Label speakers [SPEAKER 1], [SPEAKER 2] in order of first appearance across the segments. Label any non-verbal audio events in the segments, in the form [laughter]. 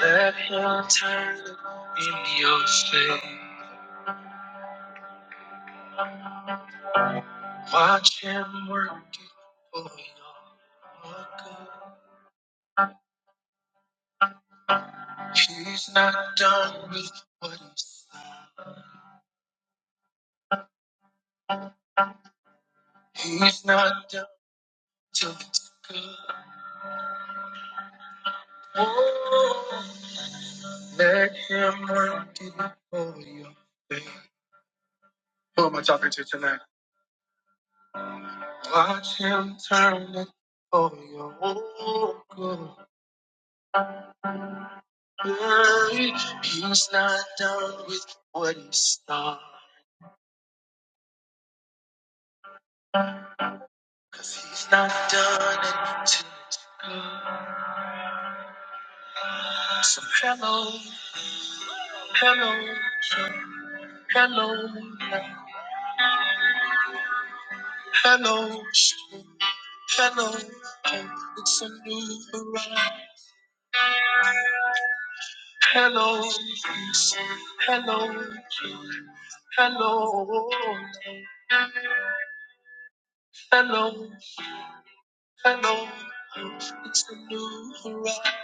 [SPEAKER 1] Let him turn in your faith. Watch him work it for your good. He's not done with what he's done. He's not done till it's good. Oh, let him work it for your good. Who am I talking to tonight? Watch him turn it for your good. He's not done with what he started. Cause he's not done it until it's good. So hello, hello, hello, hello, hello, Oh, it's a new horizon. Hello, hello, hello, hello, hello, Oh, it's a new horizon.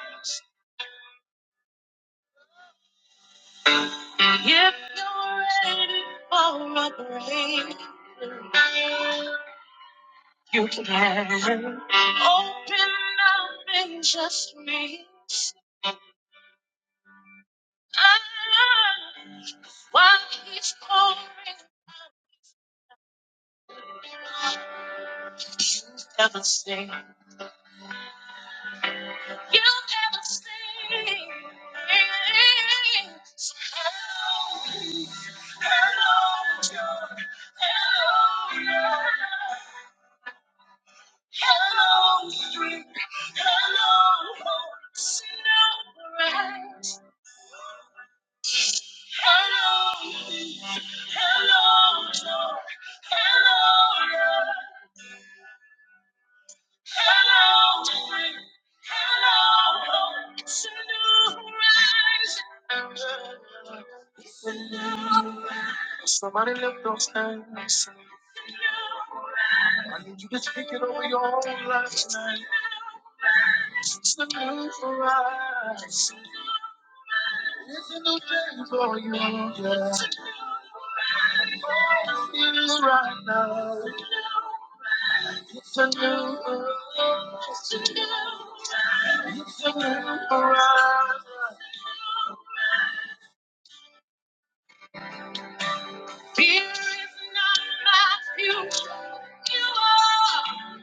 [SPEAKER 1] If you're ready for a break. You can have it. open up and just me. out. Why he's pouring, you never say, you never say. So hello, hello, Lord. hello, Lord. hello, Lord. hello, Lord. Snow bright. Hello, peace. Hello, joy. Hello, love. Hello, strength. Hello, hope. It's a new horizon. It's a new horizon. Somebody lift those hands. I need you to take it over your own life tonight. It's a new horizon. It's a new day for you. Yeah. I Feel it right now. It's a new arrival. It's a new arrival. It's a new arrival. Fear is not my future. You are.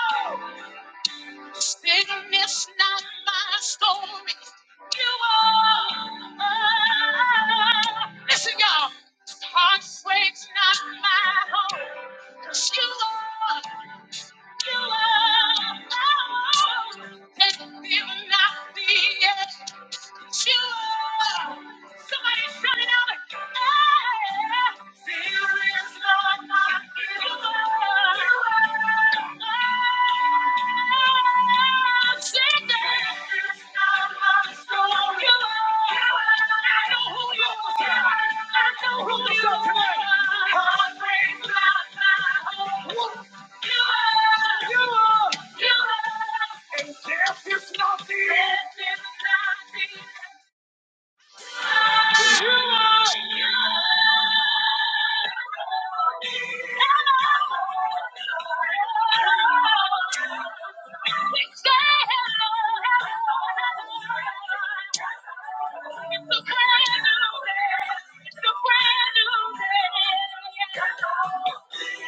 [SPEAKER 1] Oh. Sickness not my story. You are. Oh. Listen, y'all. Heartbreak's not my home. 'Cause you are. I know who you are. And death is not the end. You are. You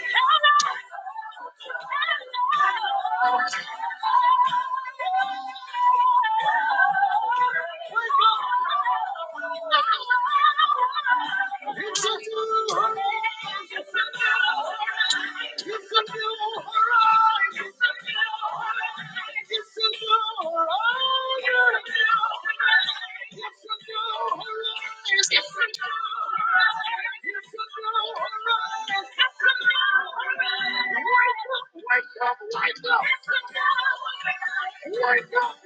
[SPEAKER 1] it's a new horizon. It's a new horizon. It's a new horizon. Wake up,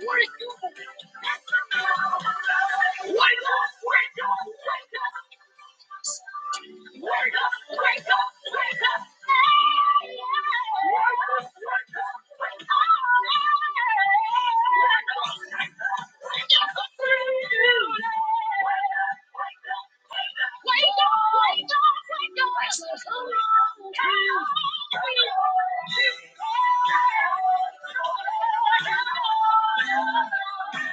[SPEAKER 1] wake up, wake up. Wake up, wake up, wake up. Wake up, wake up, wake up.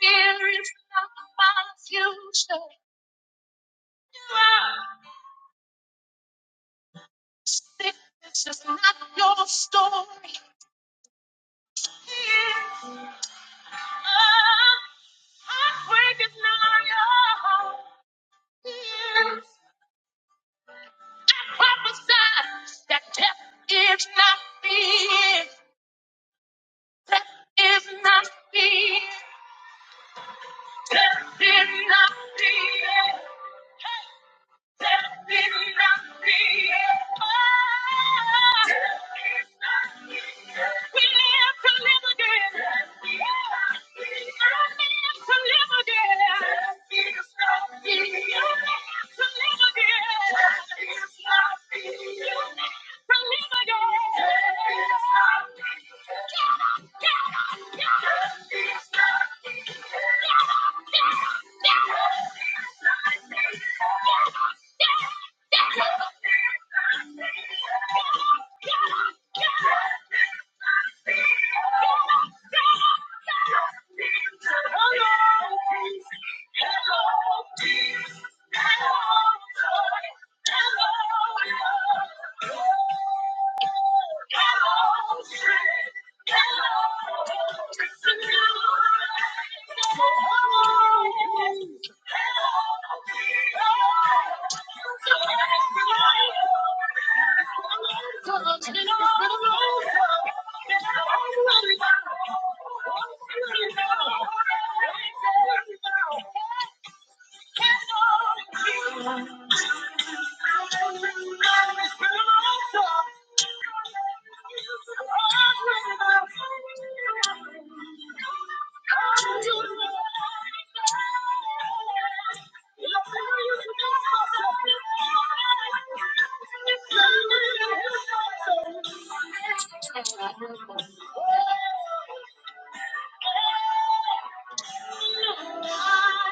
[SPEAKER 1] Fear is not my future. It's just not your story. Yeah. Heartbreak is not your own. I prophesy that death is not the end. Death is not the end. Death did not create. Death did not create. Oh. We live to live again. I live to live again. You live to live again. You live to live again. Death did Get up, get up, get up. Hello, Hello. Thank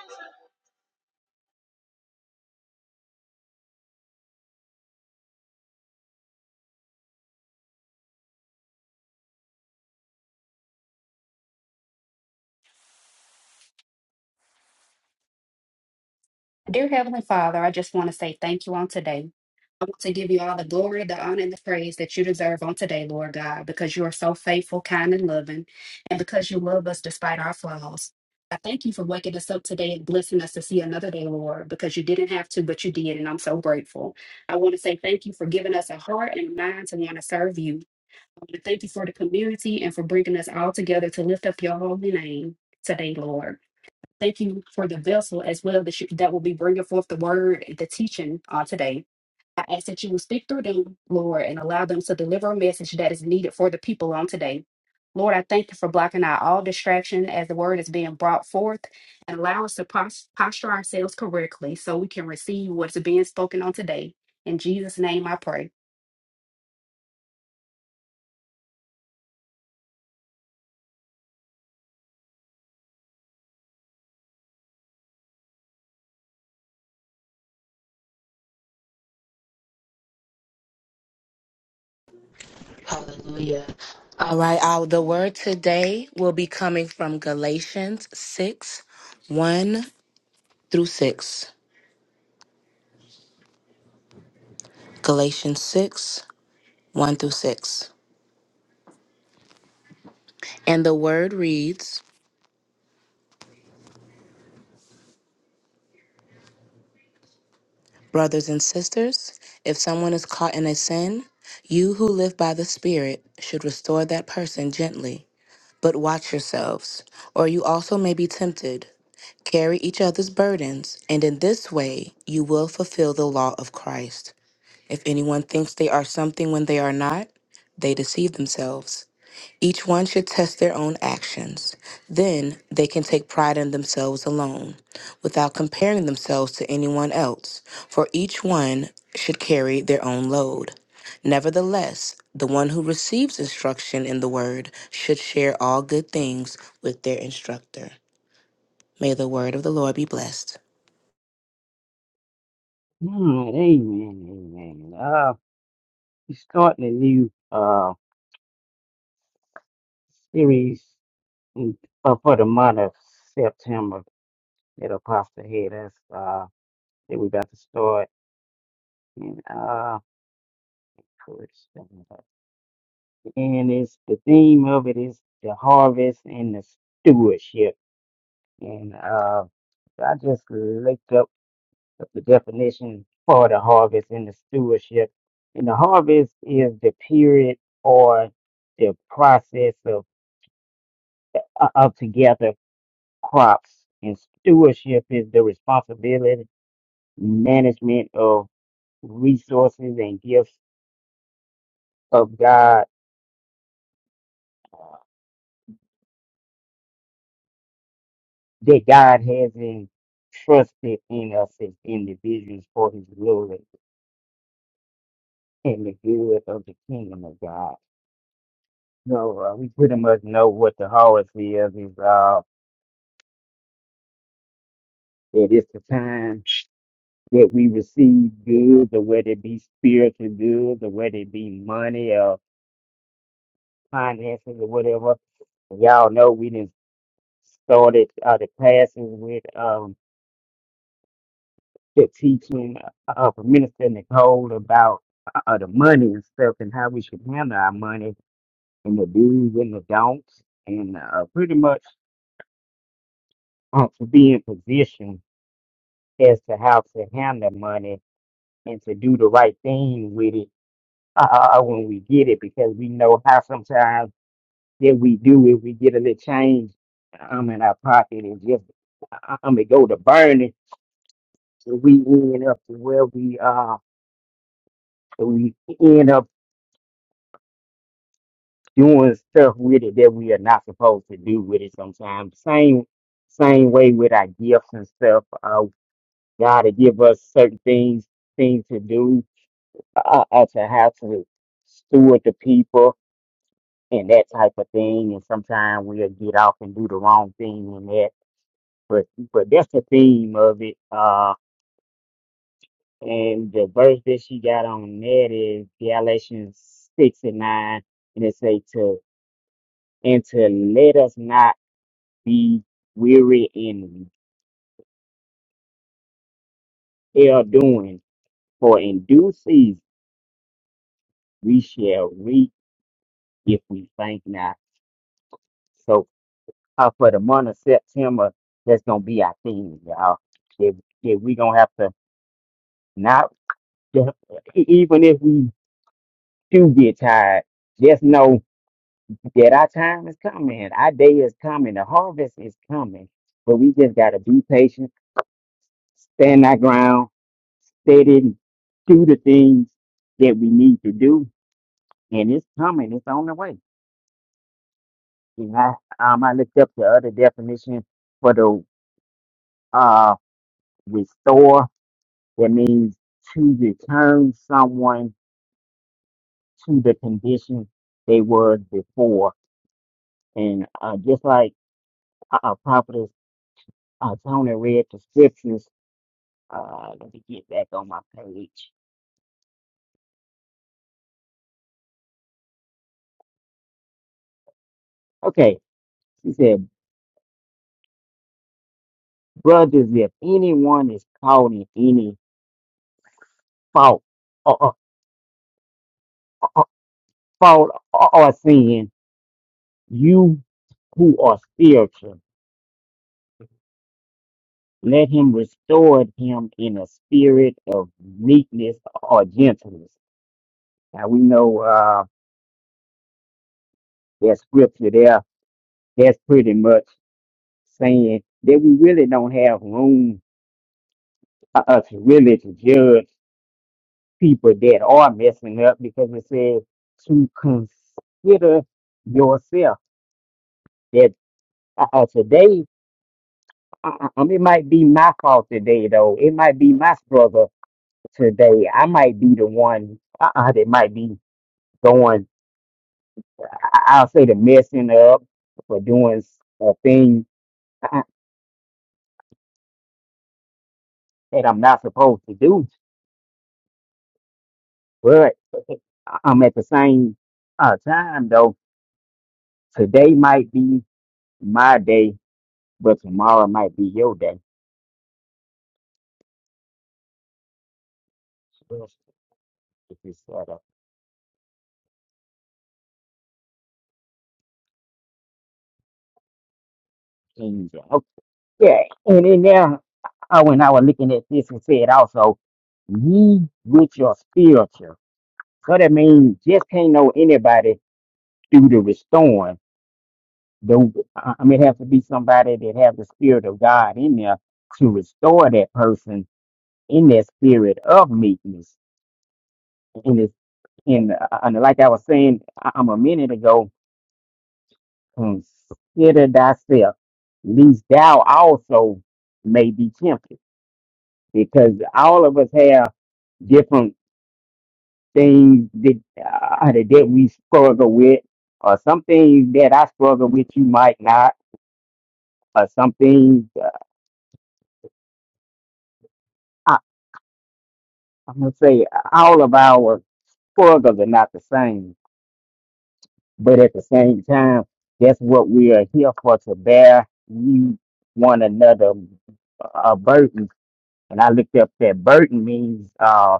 [SPEAKER 1] you.
[SPEAKER 2] Dear Heavenly Father, I just want to say thank you on today. I want to give you all the glory, the honor, and the praise that you deserve on today, Lord God, because you are so faithful, kind, and loving, and because you love us despite our flaws. I thank you for waking us up today and blessing us to see another day, Lord, because you didn't have to, but you did, and I'm so grateful. I want to say thank you for giving us a heart and a mind to want to serve you. I want to thank you for the community and for bringing us all together to lift up your holy name today, Lord. Thank you for the vessel as well that, you, that will be bringing forth the word, the teaching uh, today. I ask that you will speak through them, Lord, and allow them to deliver a message that is needed for the people on today. Lord, I thank you for blocking out all distraction as the word is being brought forth and allow us to pos- posture ourselves correctly so we can receive what's being spoken on today. In Jesus' name I pray.
[SPEAKER 3] Hallelujah. All right, our, the word today will be coming from Galatians 6 1 through 6. Galatians 6 1 through 6. And the word reads Brothers and sisters, if someone is caught in a sin, you who live by the Spirit should restore that person gently. But watch yourselves, or you also may be tempted. Carry each other's burdens, and in this way you will fulfill the law of Christ. If anyone thinks they are something when they are not, they deceive themselves. Each one should test their own actions. Then they can take pride in themselves alone, without comparing themselves to anyone else, for each one should carry their own load. Nevertheless, the one who receives instruction in the word should share all good things with their instructor. May the word of the Lord be blessed.
[SPEAKER 4] Mm, amen, amen. Uh, we're starting a new uh series in, for, for the month of September that Apostle had us uh that we're about to start. And uh first, uh, and it's the theme of it is the harvest and the stewardship. And uh I just looked up the definition for the harvest and the stewardship. And the harvest is the period or the process of uh, of together crops and stewardship is the responsibility management of resources and gifts of god uh, that god has entrusted in us as individuals for his glory and the good of the kingdom of god so uh, we pretty much know what the harvest is is uh that it's the time that we receive goods or whether it be spiritual goods or whether it be money finances or whatever. Y'all know we done started uh, the classes with um, the teaching uh, of Minister Nicole about uh, the money and stuff and how we should handle our money and the do's and the don'ts and uh, pretty much uh, to be in position as to how to handle money and to do the right thing with it uh, uh, when we get it because we know how sometimes that we do if we get a little change um in our pocket and just uh, um it go to burning so we end up to where we uh we end up doing stuff with it that we are not supposed to do with it sometimes. Same same way with our gifts and stuff. Uh God to give us certain things things to do uh, uh to have to steward the people and that type of thing and sometimes we'll get off and do the wrong thing and that. But but that's the theme of it. Uh, and the verse that she got on that is Galatians six and nine, and it say to and to let us not be weary in well doing, for in due season we shall reap if we faint not. So uh, for the month of September, that's gonna be our theme, y'all. If if we gonna have to not even if we do get tired, just know. Yet our time is coming. Our day is coming. The harvest is coming. But we just got to be patient, stand our ground, steady, do the things that we need to do. And it's coming. It's on the way. And I, um, I looked up the other definition for the uh, restore. That means to return someone to the condition they were before. And uh, just like uh, uh, Prophetess uh, Tony read the scriptures Uh, let me get back on my page. Okay, she said, brothers, if anyone is caught in any fault or, or, or, fault or, or sin, you who are spiritual, let him restore him in a spirit of meekness or gentleness. Now we know uh, that scripture there. That's pretty much saying that we really don't have room uh, uh, to really to judge people that are messing up because it says to consider yourself that uh, uh, today, uh, uh, um, it might be my fault today, though. It might be my struggle today. I might be the one uh, uh, that might be going, I- I'll say, the messing up for doing a thing uh, that I'm not supposed to do. But [laughs] I'm at the same uh, time, though. Today might be my day, but tomorrow might be your day. Okay, and then now uh, when I was looking at this, and said also, ye with your spiritual. So that means just can't know anybody through the restoring. The, I I mean, it has to be somebody that have the spirit of God in there to restore that person in that spirit of meekness. And it's, and, uh, and like I was saying, I, I'm a minute ago, Consider thyself, least thou also may be tempted. Because all of us have different things that, uh, that that we struggle with, or some things that I struggle with, you might not, or some things, uh, I, I'm going to say all of our struggles are not the same. But at the same time, that's what we are here for to bear you one another a burden. And I looked up that burden means uh,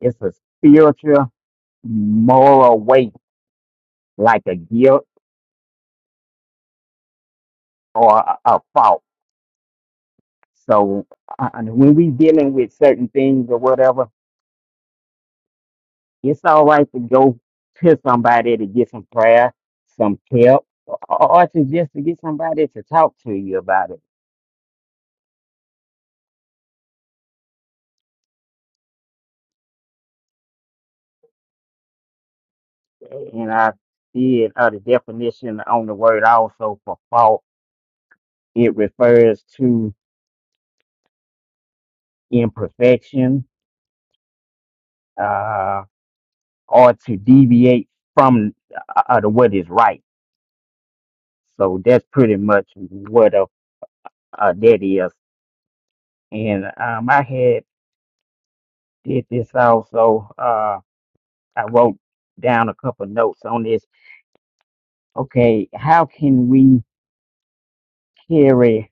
[SPEAKER 4] it's a spiritual moral weight, like a guilt or a, a fault. So uh, and when we dealing with certain things or whatever, it's all right to go to somebody to get some prayer, some help, or, or to just to get somebody to talk to you about it. And I did uh, the definition on the word also for fault. It refers to imperfection. uh, or to deviate from uh, uh, the what is right. So that's pretty much what a, uh, that is. And um, I had did this also. Uh, I wrote down a couple notes on this. Okay, how can we carry?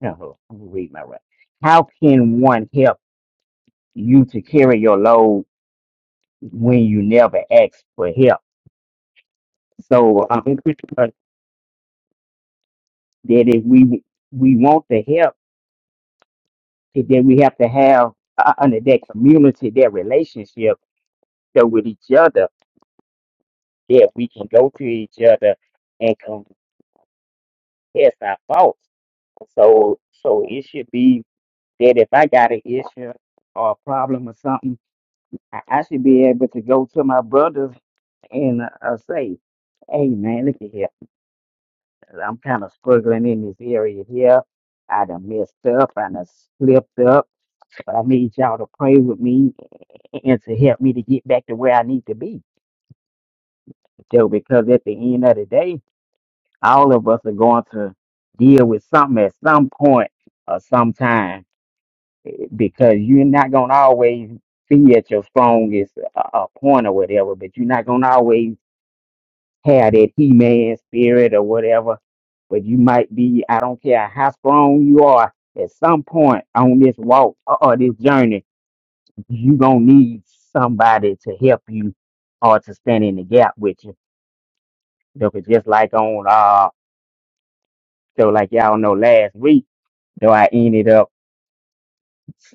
[SPEAKER 4] No, I'm gonna read my right. How can one help you to carry your load when you never ask for help? So um, [laughs] that if we we want the help And then we have to have uh, under that community, that relationship so with each other, that we can go to each other and confess our faults. So, so it should be that if I got an issue or a problem or something, I, I should be able to go to my brothers and uh, uh, say, "Hey, man, look at here. I'm kind of struggling in this area here. I done messed up. I done slipped up. But I need y'all to pray with me and to help me to get back to where I need to be." Joe, because at the end of the day, all of us are going to deal with something at some point or sometime because you're not going to always be at your strongest uh, uh, point or whatever, but you're not going to always have that He Man spirit or whatever. But you might be, I don't care how strong you are, at some point on this walk or or this journey, you're going to need somebody to help you or to stand in the gap with you. Look, it's just like on uh. So like y'all know, last week though I ended up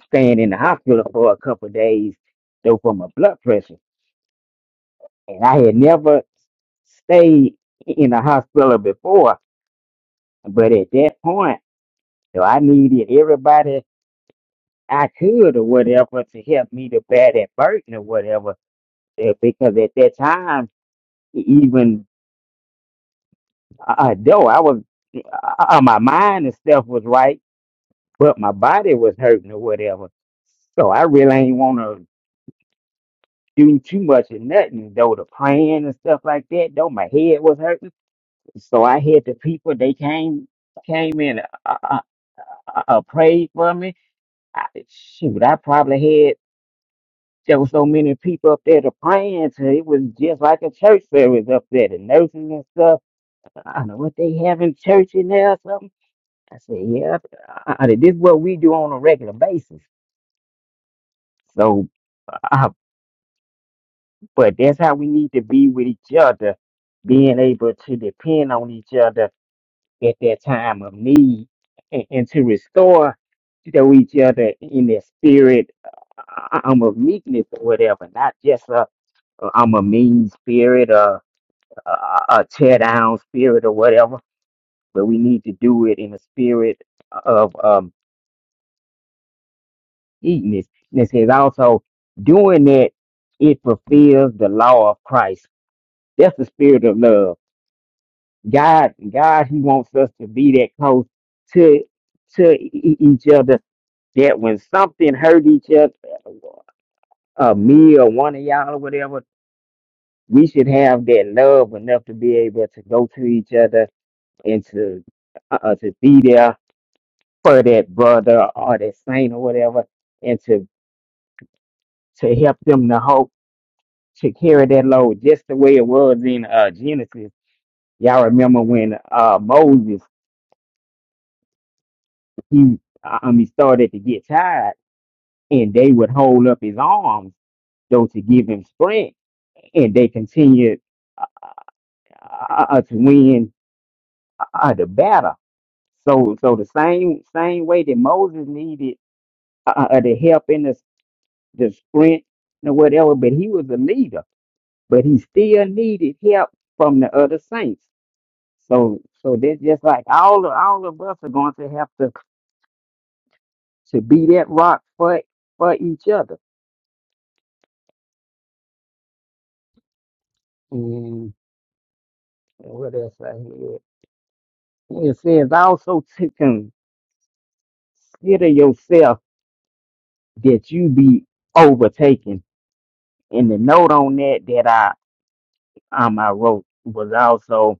[SPEAKER 4] staying in the hospital for a couple of days though for my blood pressure, and I had never stayed in the hospital before. But at that point, though I needed everybody I could or whatever to help me to bear that burden or whatever, eh, because at that time, e- even uh, though I was uh, uh, my mind and stuff was right, but my body was hurting or whatever. So I really ain't want to. do too much of nothing though the plan and stuff like that though my head was hurting so i had the people they came came in uh, uh, uh, uh, prayed for me I, shoot i probably had there was so many people up there to praying to it was just like a church service up there the nurses and stuff i don't know what they have in church in there or something i said yeah uh, uh, this is what we do on a regular basis so But that's how we need to be with each other, being able to depend on each other at that time of need and, and to restore to each other in the spirit uh, um, of meekness or whatever, not just a, a I'm a mean spirit or a, a tear down spirit or whatever, but we need to do it in a spirit of um, meekness. And it says also, doing that, it fulfills the law of Christ. That's the spirit of love God, God, He wants us to be that close to to e- e-, each other. That when something hurt each other, uh, me or one of y'all or whatever, we should have that love enough to be able to go to each other and to uh, uh, to be there for that brother or that saint or whatever, and to to help them to hope to carry that load, just the way it was in uh, Genesis. Y'all remember when uh, Moses he um, he started to get tired and they would hold up his arms though to give him strength and they continued uh, uh, uh, to win uh, the battle so so the same same way that moses needed uh, uh, uh, the help and the, the strength and whatever but he was a leader but he still needed help from the other saints so so that's just like all of, all of us are going to have to to be that rock for for each other and what else i hear it says also to consider yourself that you be overtaken. And the note on that that I um I wrote was also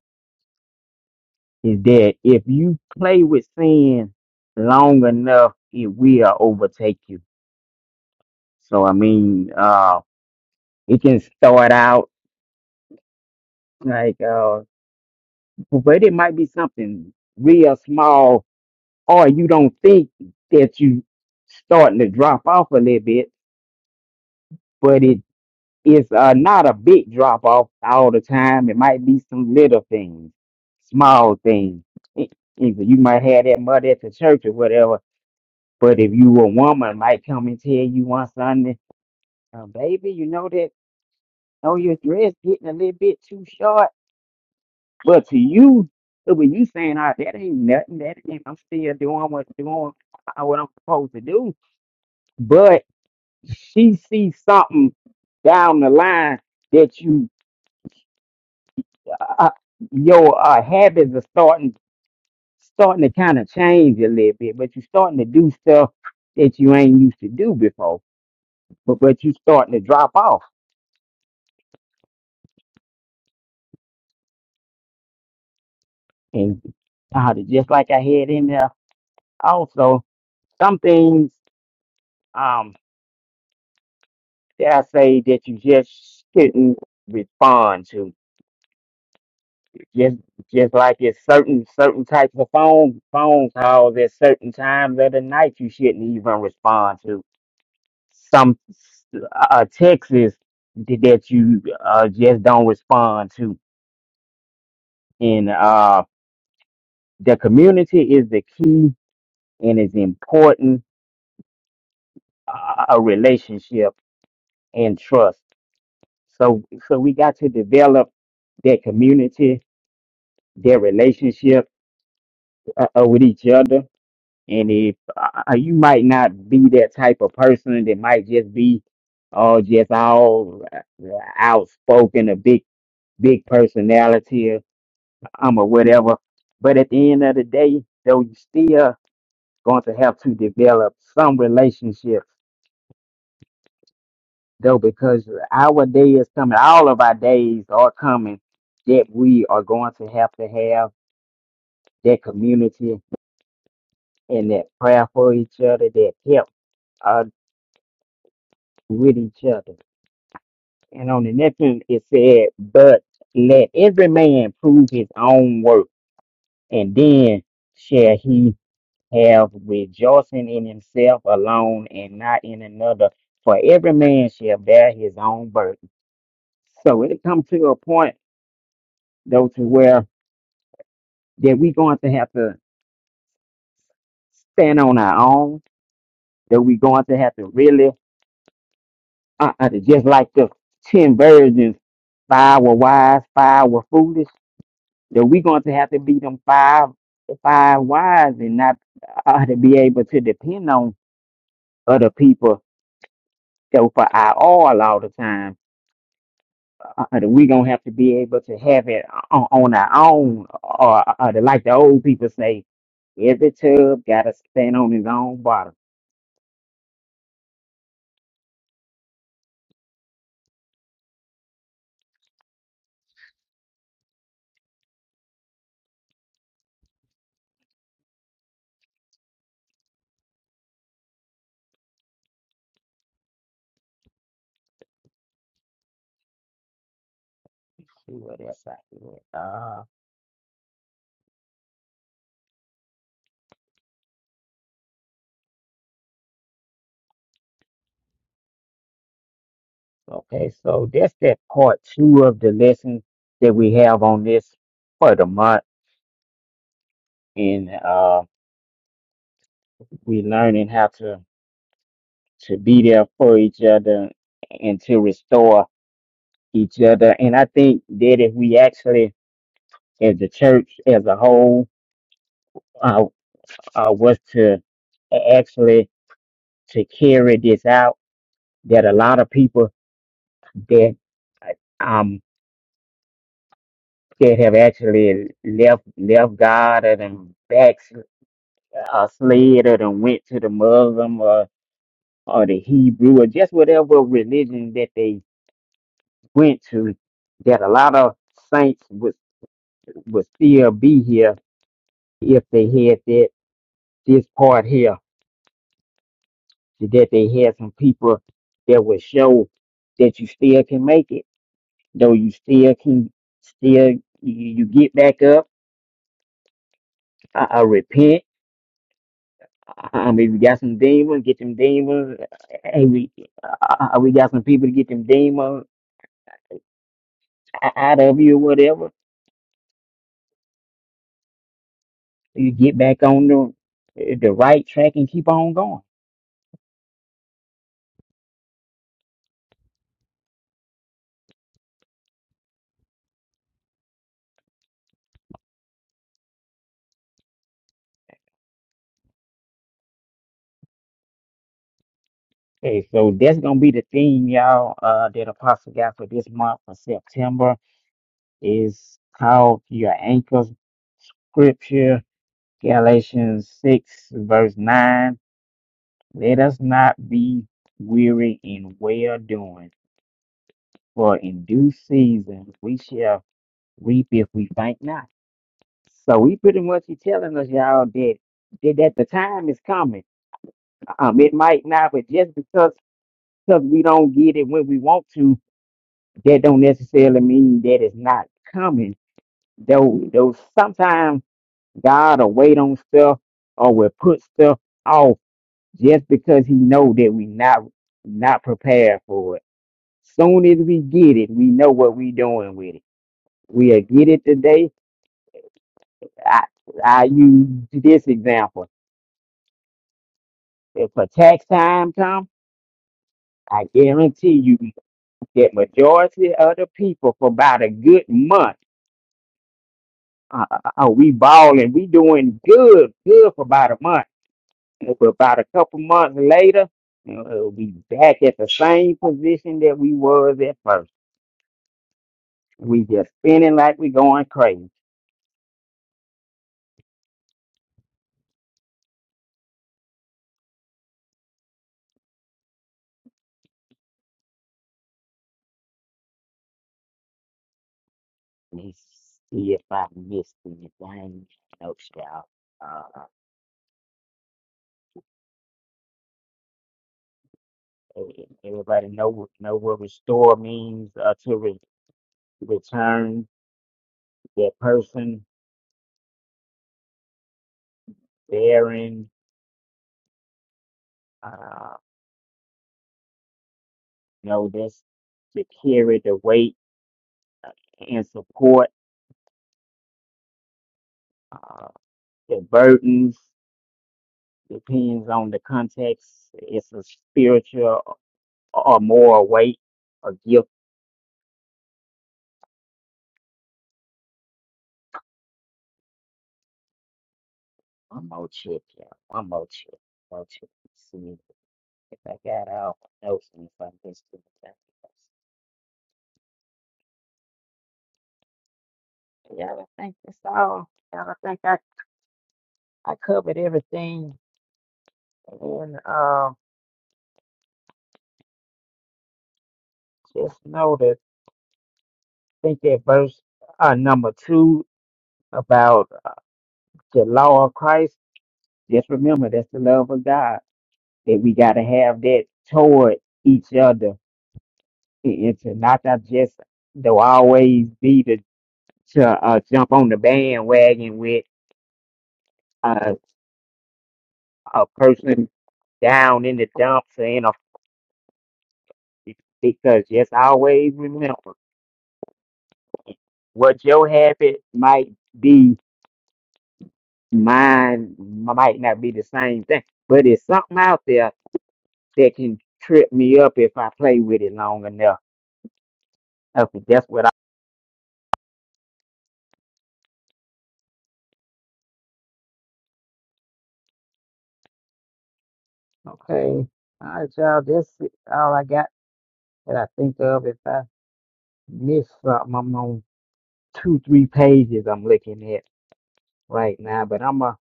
[SPEAKER 4] is that if you play with sin long enough, it will overtake you. So I mean, uh, it can start out like, uh, but it might be something real small, or you don't think that you starting to drop off a little bit, but it it's uh, not a big drop off all the time. It might be some little things, small things. E- Either you might have that mother at the church or whatever, but if you a woman, might come and tell you one Sunday, uh, baby, you know that oh your dress getting a little bit too short. But to you, when you saying, "Ah, that ain't nothing. That ain't, I'm still doing what doing uh, what I'm supposed to do," but she sees something down the line that you uh, your uh, habits are starting starting to kind of change a little bit, but you're starting to do stuff that you ain't used to do before. But but you starting to drop off, and uh, just like I had in there, also some things um that I say that you just shouldn't respond to. Just just like it's certain certain types of phone phone calls at certain times of the night you shouldn't even respond to some uh, Texas th- that you uh, just don't respond to. And uh, the community is the key and is important uh, a relationship and trust. So, so we got to develop that community, their relationship uh, uh, with each other. And if uh, uh, you might not be that type of person that might just be uh, just all uh, outspoken, a big, big personality, um, or whatever. But at the end of the day, though, you still going to have to develop some relationship, though, because our day is coming. All of our days are coming that we are going to have to have that community and that prayer for each other, that help uh, with each other. And on the next one, it said, but let every man prove his own work, and then shall he have rejoicing in himself alone and not in another. For every man shall bear his own burden. So it comes to a point though to where that we're going to have to stand on our own, that we're going to have to really uh, uh, just like the ten virgins, five were wise, five were foolish, that we're going to have to be them five five wise and not uh, to be able to depend on other people so for our all all the time uh, uh, we gonna have to be able to have it on, on our own, or uh, uh, like the old people say, every tub gotta stand on its own bottom. See what else I can get. Uh, okay, so that's that part two of the lesson that we have on this for the month, and uh, we learning how to to be there for each other and to restore each other. And I think that if we actually, as the church as a whole, uh, uh, was to a- actually to carry this out that a lot of people that um that have actually left left God and back uh, slid and went to the Muslim or or the Hebrew or just whatever religion that they went to that a lot of saints would would still be here if they had that this part here that they had some people that would show that you still can make it though you still can still you, you get back up I uh, repent um, if you got some demons get them demons hey we uh, uh, we got some people to get them demons o- out of you or whatever you get back on the the right track and keep on going okay so that's gonna be the theme y'all uh that apostle got for this month for september is called your anchor scripture galatians 6 verse 9 Let us not be weary in well doing, for in due season we shall reap if we faint not. So he pretty much he telling us y'all that that, that the time is coming. Um, it might not, but just because because we don't get it when we want to, that don't necessarily mean that it's not coming. Though though sometimes God will wait on stuff or will put stuff off just because he know that we not not prepared for it. Soon as we get it, we know what we doing with it. We'll get it today. I, I use this example. If a tax time comes, I guarantee you that majority of the people for about a good month, uh, uh, uh, oh, we balling, we doing good, good for about a month. If about a couple months later, uh, we'll be back at the same position that we was at first. We just spinning like we going crazy. Let me see if I missed anything. Nope, y'all. Uh, e- everybody know what- know what restore means? Uh, to re- return that person bearing. Uh, know this to carry the weight uh, and support uh, the burdens. Depends on the context. It's a spiritual or moral weight or gift. One more check, y'all. One more check. One more check. If I got all my notes and if I missed anything. Yeah, I think that's all. Y'all, I think I, I covered everything. And um, just know that I think that verse uh, number two about uh, the law of Christ. Just remember that's the love of God that we got to have that toward each other. It- It's not that just to always be to to uh, jump on the bandwagon with uh, a person down in the dumps or in a Because just always remember what your habit might be, mine might not be the same thing. But it's something out there that can trip me up if I play with it long enough. Okay, that's what I. Okay. All right, y'all. That's it, all I got that I think of. If I miss something, I'm on two, three pages I'm looking at right now. But I'm going to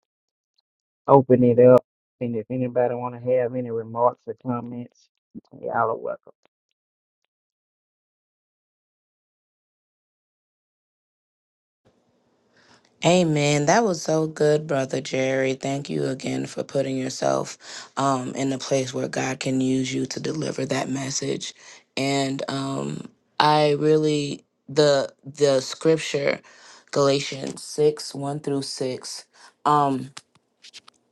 [SPEAKER 4] open it up. And if anybody want to have any remarks or comments, y'all are welcome.
[SPEAKER 3] Amen. That was so good, Brother Jerry. Thank you again for putting yourself um, in a place where God can use you to deliver that message. And um, I really the the scripture, Galatians six one through six. Um,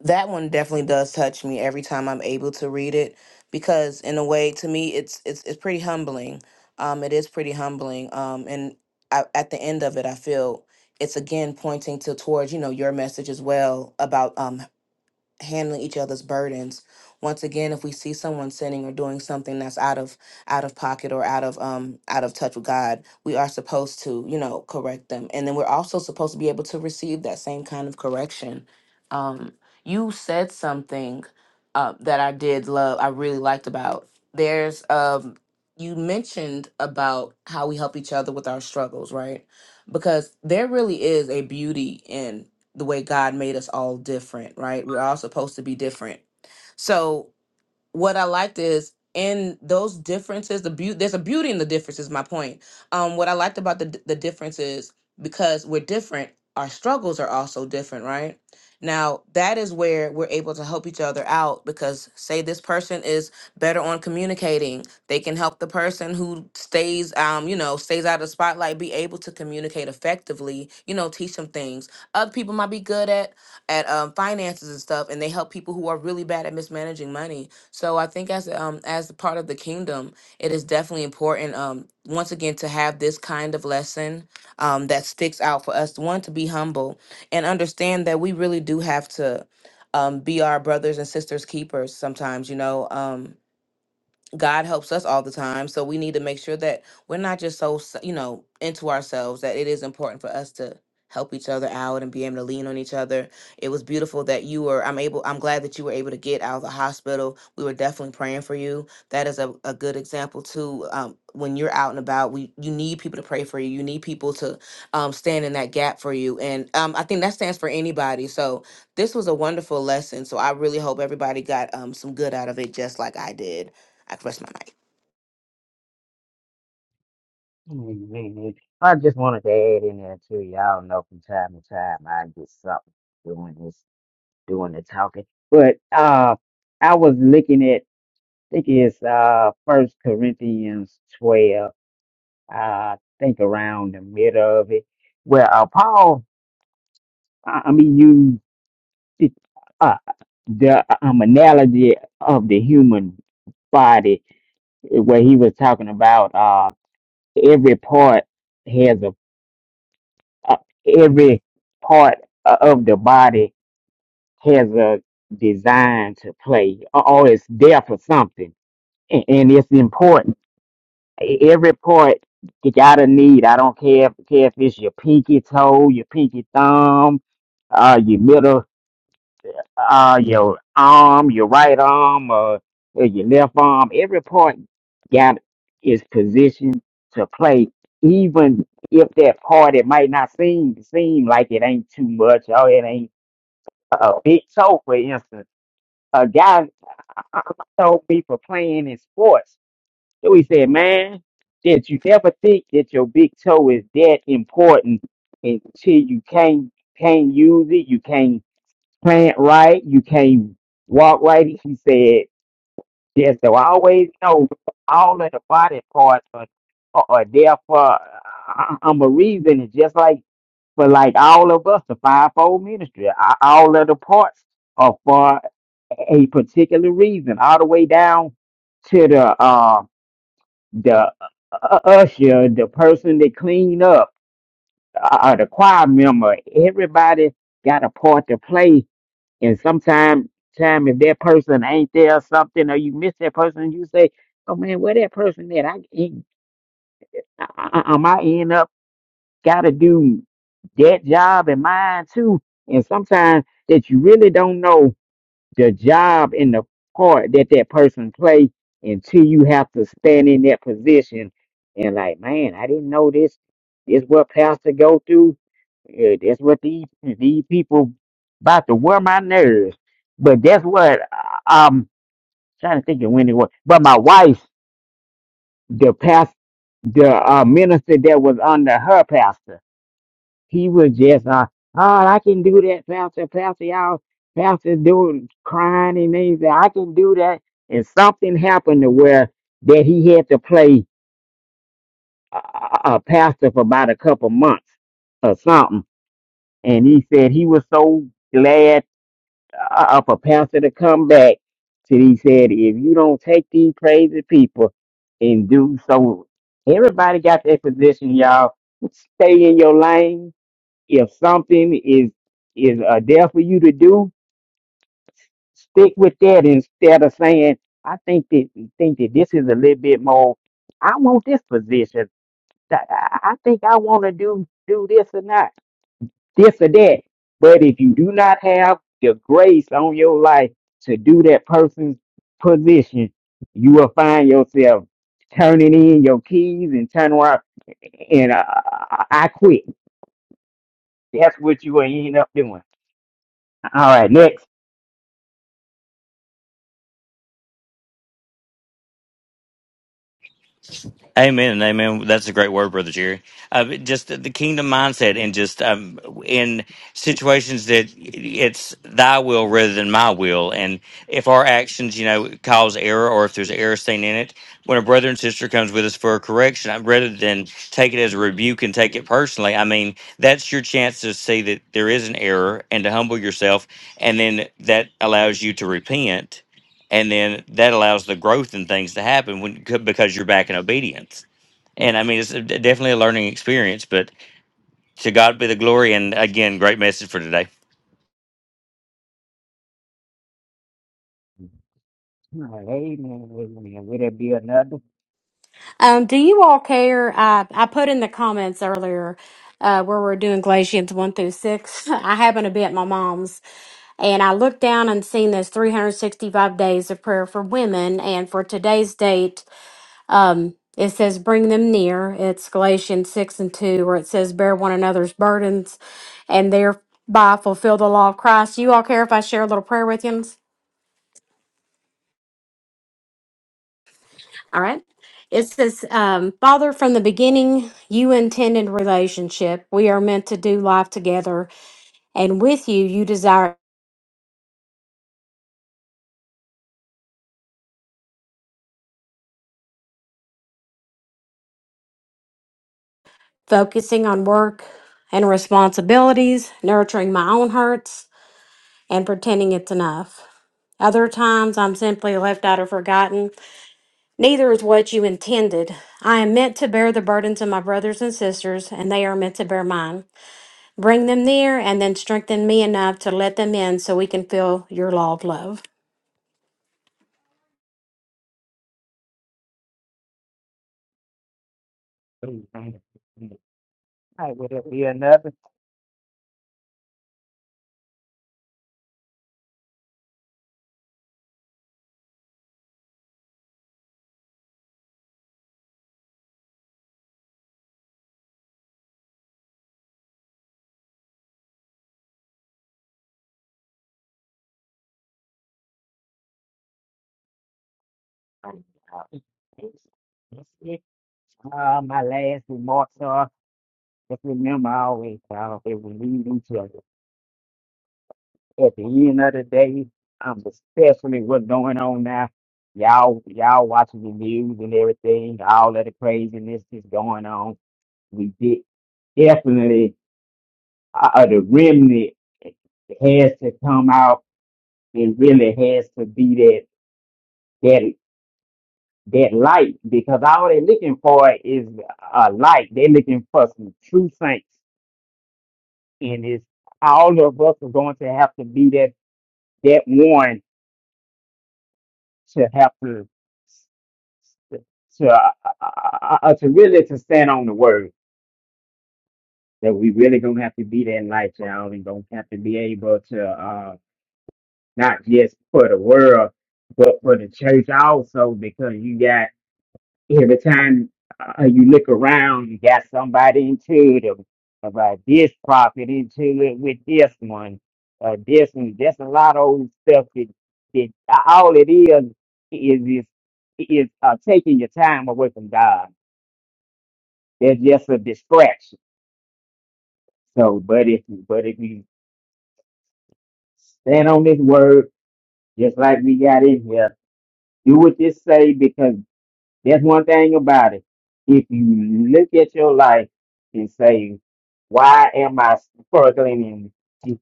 [SPEAKER 3] that one definitely does touch me every time I'm able to read it because in a way to me it's it's it's pretty humbling. Um it is pretty humbling. Um and I, at the end of it I feel it's again pointing to towards, you know, your message as well about um handling each other's burdens once again if we see someone sinning or doing something that's out of out of pocket or out of um out of touch with god we are supposed to you know correct them and then we're also supposed to be able to receive that same kind of correction um you said something uh, that i did love i really liked about there's um you mentioned about how we help each other with our struggles right because there really is a beauty in the way God made us all different, right? We're all supposed to be different. So what I liked is in those differences, the beauty there's a beauty in the differences. My point. Um, what I liked about the d- the differences because we're different, our struggles are also different, right? Now that is where we're able to help each other out because say this person is better on communicating, they can help the person who stays, um, you know, stays out of the spotlight be able to communicate effectively. You know, teach them things. Other people might be good at at um, finances and stuff, and they help people who are really bad at mismanaging money so I think as um as a part of the kingdom, it is definitely important um once again to have this kind of lesson um that sticks out for us. One to be humble and understand that we really do have to um be our brothers and sisters keepers sometimes, you know. Um God helps us all the time. So we need to make sure that we're not just so, s- you know, into ourselves that it is important for us to help each other out and be able to lean on each other. It was beautiful that you were, I'm able, I'm glad that you were able to get out of the hospital. We were definitely praying for you. That is a, a good example too. Um, when you're out and about, we, you need people to pray for you. You need people to um, stand in that gap for you. And um, I think that stands for anybody. So this was a wonderful lesson. So I really hope everybody got um, some good out of it, just like I did. I press my mic.
[SPEAKER 4] [laughs] Mhm. I just wanted to add in there too. Y'all know from time to time I get something doing this, doing the talking. But uh, I was looking at, I think it's uh First Corinthians twelve. Uh, I think around the middle of it, where uh, Paul, I, I mean, used it, uh, the uh, um, analogy of the human body, where he was talking about uh every part. uh, every part o- of the body has a design to play, or or it's there for something, and, and it's important. E- Every part you gotta need. I don't care if, care if it's your pinky toe, your pinky thumb, uh, your middle uh, your arm, your right arm, uh, or your left arm, every part got is positioned to play. Even if that part it might not seem seem like it ain't too much, Oh, it ain't a big toe, for instance. A guy told me for playing in sports. So he said, man, did you ever think that your big toe is that important until you can't can't use it, you can't plant right, you can't walk right. She said, yes, so I always know all of the body parts are, are, are there for uh, um, a reason. It's just like for like all of us, the fivefold ministry, a- all of the parts are for a particular reason, all the way down to the uh, the uh, usher, the person that clean up, uh, the choir member. Everybody got a part to play and sometimes, time if that person ain't there or something, or you miss that person, you say, "Oh man, where that person at?" I, he, I, I, I might end up gotta do that job and mine too. And sometimes that you really don't know the job and the part that that person play until you have to stand in that position and like, man, I didn't know this. This what pastor go through. Yeah, that's what these these people about to wear my nerves. But that's what I- I'm trying to think of when it was. But my wife, the past, the uh, minister that was under her pastor. He was just, uh, oh, I can do that, Pastor. Pastor, y'all, Pastor doing crying and things. that I can do that. And something happened to where that he had to play a, a a pastor for about a couple months or something. And he said he was so glad uh, uh, for Pastor to come back. So he said, if you don't take these crazy people and do so, everybody got their position, y'all. Stay in your lane if something is is uh, there for you to do, stick with that instead of saying, "I think that think that this is a little bit more. I want this position. Th- I I think I want to do do this or not this or that." But if you do not have the grace on your life to do that person's position, you will find yourself turning in your keys and turning around and uh, I I quit. That's what you will end up doing. All right, next.
[SPEAKER 5] Amen and amen. That's a great word, Brother Jerry. Uh, just the kingdom mindset and just um, in situations that it's thy will rather than my will. And if our actions, you know, cause error or if there's error seen in it, when a brother and sister comes with us for a correction, I- rather than take it as a rebuke and take it personally, I mean, that's your chance to see that there is an error and to humble yourself. And then that allows you to repent. And then that allows the growth and things to happen when, because you're back in obedience and I mean, it's definitely a learning experience, but to God be the glory. And again, great message for today.
[SPEAKER 4] Amen. Amen. Would it be another?
[SPEAKER 6] Um, do you all care? I, I put in the comments earlier uh, where we're doing Galatians 1 through 6. [laughs] I happen to be at my mom's, and I looked down and seen this 365 days of prayer for women. And for today's date, um, it says, Bring them near. It's Galatians 6 and 2, where it says, Bear one another's burdens and thereby fulfill the law of Christ. You all care if I share a little prayer with you? All right. It says, um, Father, from the beginning, you intended relationship. We are meant to do life together. And with you, you desire focusing on work and responsibilities, nurturing my own hurts, and pretending it's enough. Other times, I'm simply left out or forgotten. Neither is what you intended. I am meant to bear the burdens of my brothers and sisters, and they are meant to bear mine. Bring them near and then strengthen me enough to let them in so we can feel your law of love.
[SPEAKER 4] Amen. Right, would it be another? Uh, my last remarks are just remember I always how that will lead each other. At the end of the day, um, especially what's going on now, y'all y'all watching the news and everything, all of the craziness that's going on. We did definitely uh, uh, the remnant has to come out. It really has to be that that that light because all they're looking for is a light. They're looking for some true saints, and it's all of us are going to have to be that that one to have to to uh, uh, uh, to really to stand on the word that we really gonna have to be that light, y'all, and gonna have to be able to uh not just for the world but for the church also because you got every time uh, you look around, you got somebody into it about this prophet into it with this one, uh, this one. That's a lot of old stuff. That, that uh, all it is is is, is uh, taking your time away from God. That's just a distraction. So, but if but if you stand on this word, just like we got in here, do what this say because There's one thing about it. If you look at your life and say, why am I struggling in,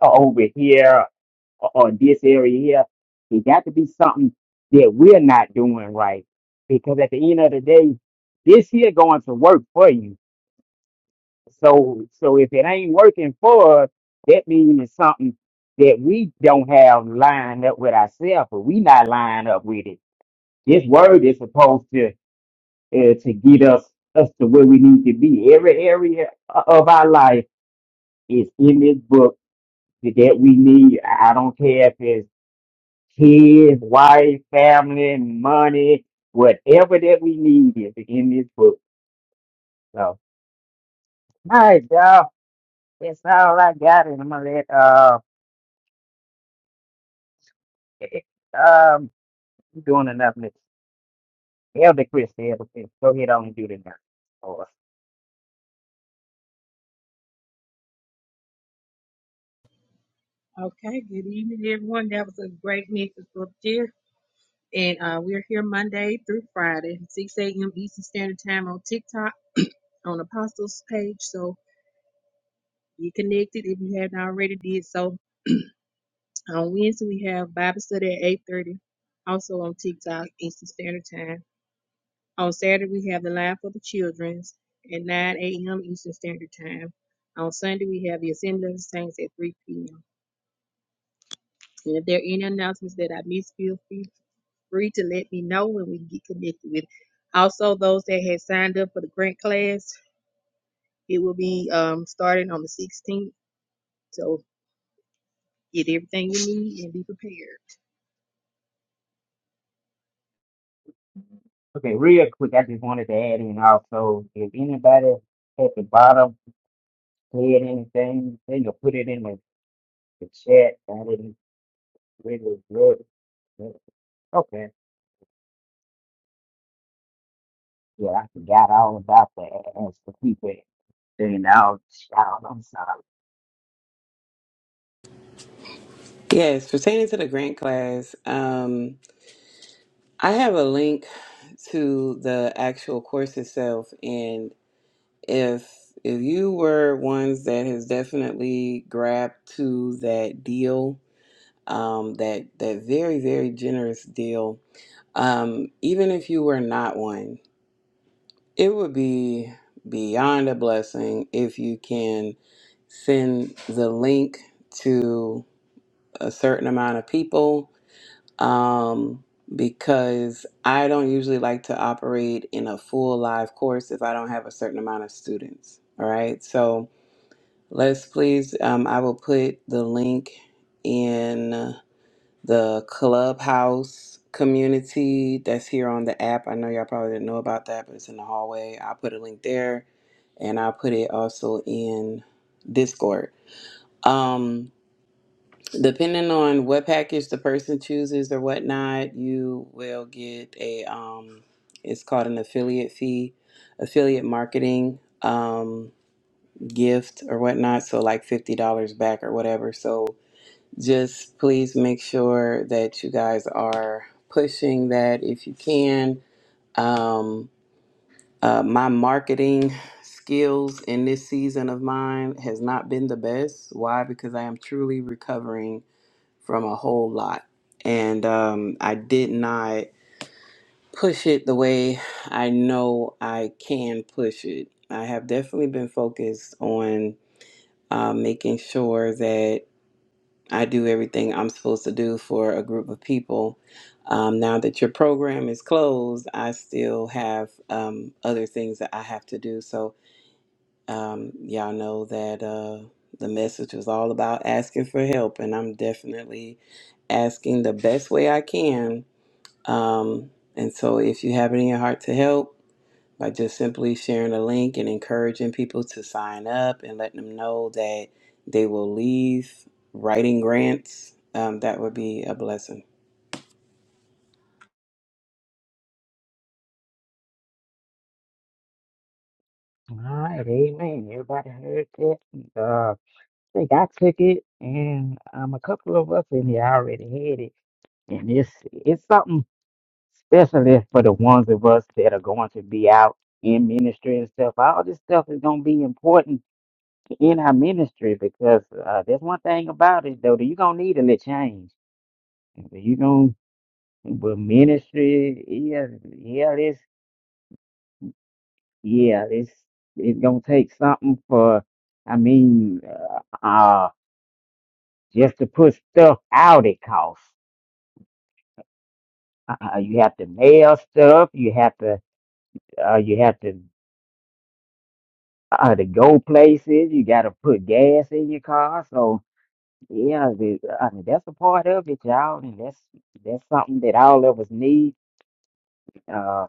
[SPEAKER 4] over here or, or this area here? It got to be something that we're not doing right. Because at the end of the day, this here going to work for you. So so if it ain't working for us, that means it's something that we don't have lined up with ourselves, or we not lined up with it. This word is supposed to uh, to get us us to where we need to be. Every area of our life is in this book that we need. I I don't care if it's kids, wife, family, money, whatever that we need is in this book. So, all right, y'all, that's all I got, and I'm gonna let uh, [laughs] um, you doing enough, Miss Elder Chris, Elder Chris, go ahead on and do the next.
[SPEAKER 7] Okay, good evening, everyone. That was a great message up there. And uh, we're here Monday through Friday, 6 a.m. Eastern Standard Time on TikTok on Apostles page. So be connected if you haven't already did so. On Wednesday, we have Bible study at 8.30, also on TikTok, Eastern Standard Time. On Saturday, we have the Live for the Children's at 9 a.m. Eastern Standard Time. On Sunday, we have the Assembly of the Saints at 3 p.m. And if there are any announcements that I missed, feel free free to let me know when we get connected with. it. Also, those that had signed up for the grant class, it will be um, starting on the 16th. So get everything you need and be prepared.
[SPEAKER 4] Okay, real quick, I just wanted to add in also, if anybody at the bottom. said anything, you know, put it in the, the chat. I didn't really do it. okay. Yeah, I forgot all about that. ask the people thing. i shout. I'm sorry.
[SPEAKER 8] Yes, pertaining to the grant class, um, I have a link to the actual course itself, and if if you were ones that has definitely grabbed to that deal, um, that that very very generous deal, um, even if you were not one, it would be beyond a blessing if you can send the link to a certain amount of people um, because I don't usually like to operate in a full live course if I don't have a certain amount of students. All right, so let's please, um, I will put the link in the clubhouse community that's here on the app. I know y'all probably didn't know about that, but it's in the hallway. I'll put a link there and I'll put it also in Discord. Um, Depending on what package the person chooses or whatnot, you will get a um, it's called an affiliate fee, affiliate marketing um, gift or whatnot. So like fifty dollars back or whatever. So just please make sure that you guys are pushing that if you can. Um, uh, my marketing skills in this season of mine has not been the best. Why? Because I am truly recovering from a whole lot. And um, I did not push it the way I know I can push it. I have definitely been focused on uh, making sure that I do everything I'm supposed to do for a group of people. Um, now that your program is closed, I still have um, other things that I have to do. So um, y'all know that uh, the message was all about asking for help, and I'm definitely asking the best way I can. Um, and so, if you have it in your heart to help by just simply sharing a link and encouraging people to sign up and letting them know that they will leave writing grants, um, that would be a blessing.
[SPEAKER 4] All right, amen. Everybody heard that. Uh, I think I took it, and um, a couple of us in here already had it, and it's it's something especially for the ones of us that are going to be out in ministry and stuff. All this stuff is gonna be important in our ministry because uh, that's one thing about it though that you're gonna need a little change. You gonna but ministry, yeah, yeah, this, yeah, this, it's gonna take something for. I mean, uh, uh just to put stuff out, it costs. Uh, you have to mail stuff. You have to, uh, you have to, uh, to go places. You got to put gas in your car. So yeah, the, I mean that's a part of it, y'all, and that's that's something that all of us need Uh,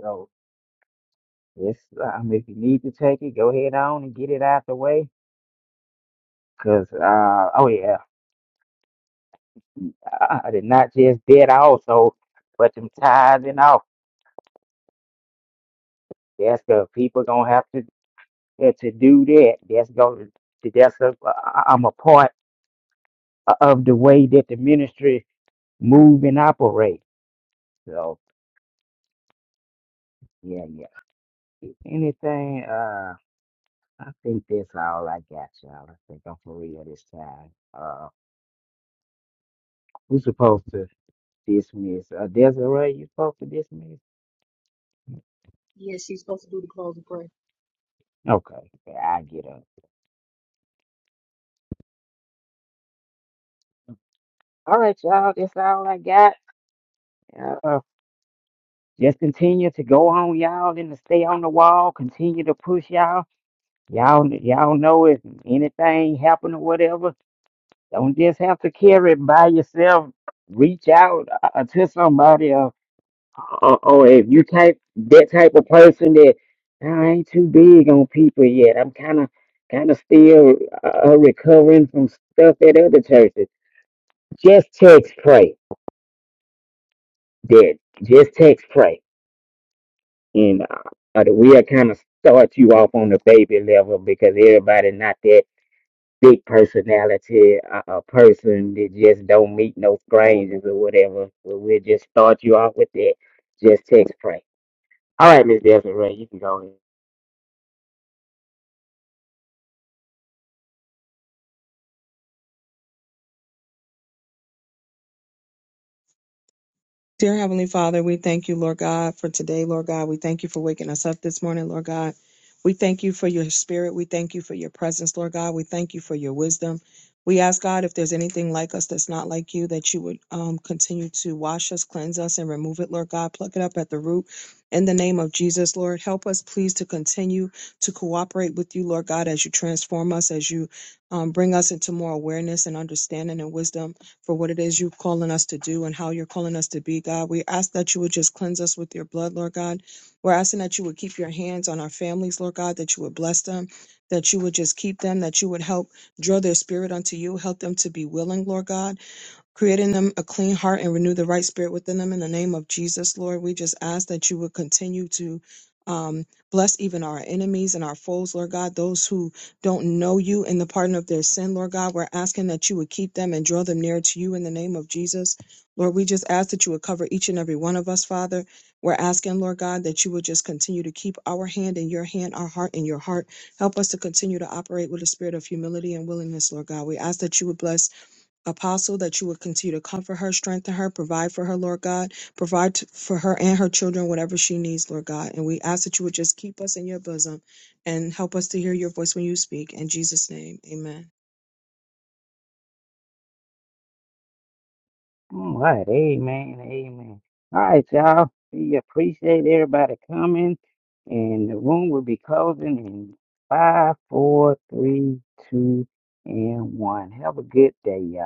[SPEAKER 4] so yes, um, if you need to take it, go ahead on and get it out the way. Cause uh, oh yeah, I, I did not just bid also, but them tithes and off. That's the people gonna have to uh, to do that. That's gonna that's a uh, I- I'm a part of the way that the ministry move and operate. So yeah, yeah. If Anything? Uh, I think that's all I got, y'all. I think I'm for real this time. Uh, we supposed to. Dismiss. Uh, Desiree, you supposed to dismiss?
[SPEAKER 7] Yes, she's supposed to do the closing prayer.
[SPEAKER 4] Okay, okay, yeah, I get up. All right, y'all, that's all I got. Uh, uh, just continue to go on, y'all, and to stay on the wall. Continue to push, y'all. Y'all, y'all know if anything happen or whatever, don't just have to carry it by yourself. Reach out uh, to somebody. uh, or, or if you type that type of person that "Nah, I ain't too big on people yet. I'm kind of kind of still uh, recovering from stuff at other churches. Just text pray, Dad. Just text pray, and uh, uh, we'll kind of start you off on the baby level because everybody not that big personality uh, a person that just don't meet no strangers or whatever. So we'll just start you off with that. Just text pray. All right, Miss Desiree, you can go ahead.
[SPEAKER 9] Dear Heavenly Father, we thank you, Lord God, for today, Lord God. We thank you for waking us up this morning, Lord God. We thank you for your spirit. We thank you for your presence, Lord God. We thank you for your wisdom. We ask God if there's anything like us that's not like you, that you would um, continue to wash us, cleanse us, and remove it, Lord God. Pluck it up at the root. In the name of Jesus, Lord, help us, please, to continue to cooperate with you, Lord God, as you transform us, as you um, bring us into more awareness and understanding and wisdom for what it is you're calling us to do and how you're calling us to be, God. We ask that you would just cleanse us with your blood, Lord God. We're asking that you would keep your hands on our families, Lord God, that you would bless them, that you would just keep them, that you would help draw their spirit unto you, help them to be willing, Lord God Create in them a clean heart and renew the right spirit within them in the name of Jesus, Lord. We just ask that you would continue to um, bless even our enemies and our foes, Lord God, those who don't know you in the pardon of their sin, Lord God. We're asking that you would keep them and draw them near to you in the name of Jesus. Lord, we just ask that you would cover each and every one of us, Father. We're asking, Lord God, that you would just continue to keep our hand in your hand, our heart in your heart. Help us to continue to operate with a spirit of humility and willingness, Lord God. We ask that you would bless apostle that you would continue to comfort her, strengthen her, provide for her, Lord God, provide t- for her and her children whatever she needs, Lord God. And we ask that you would just keep us in your bosom and help us to hear your voice when you speak. In Jesus' name, amen.
[SPEAKER 4] All right, amen, amen. All right, y'all. We appreciate everybody coming, and the room will be closing in five, four, three, two, and one. Have a good day, y'all.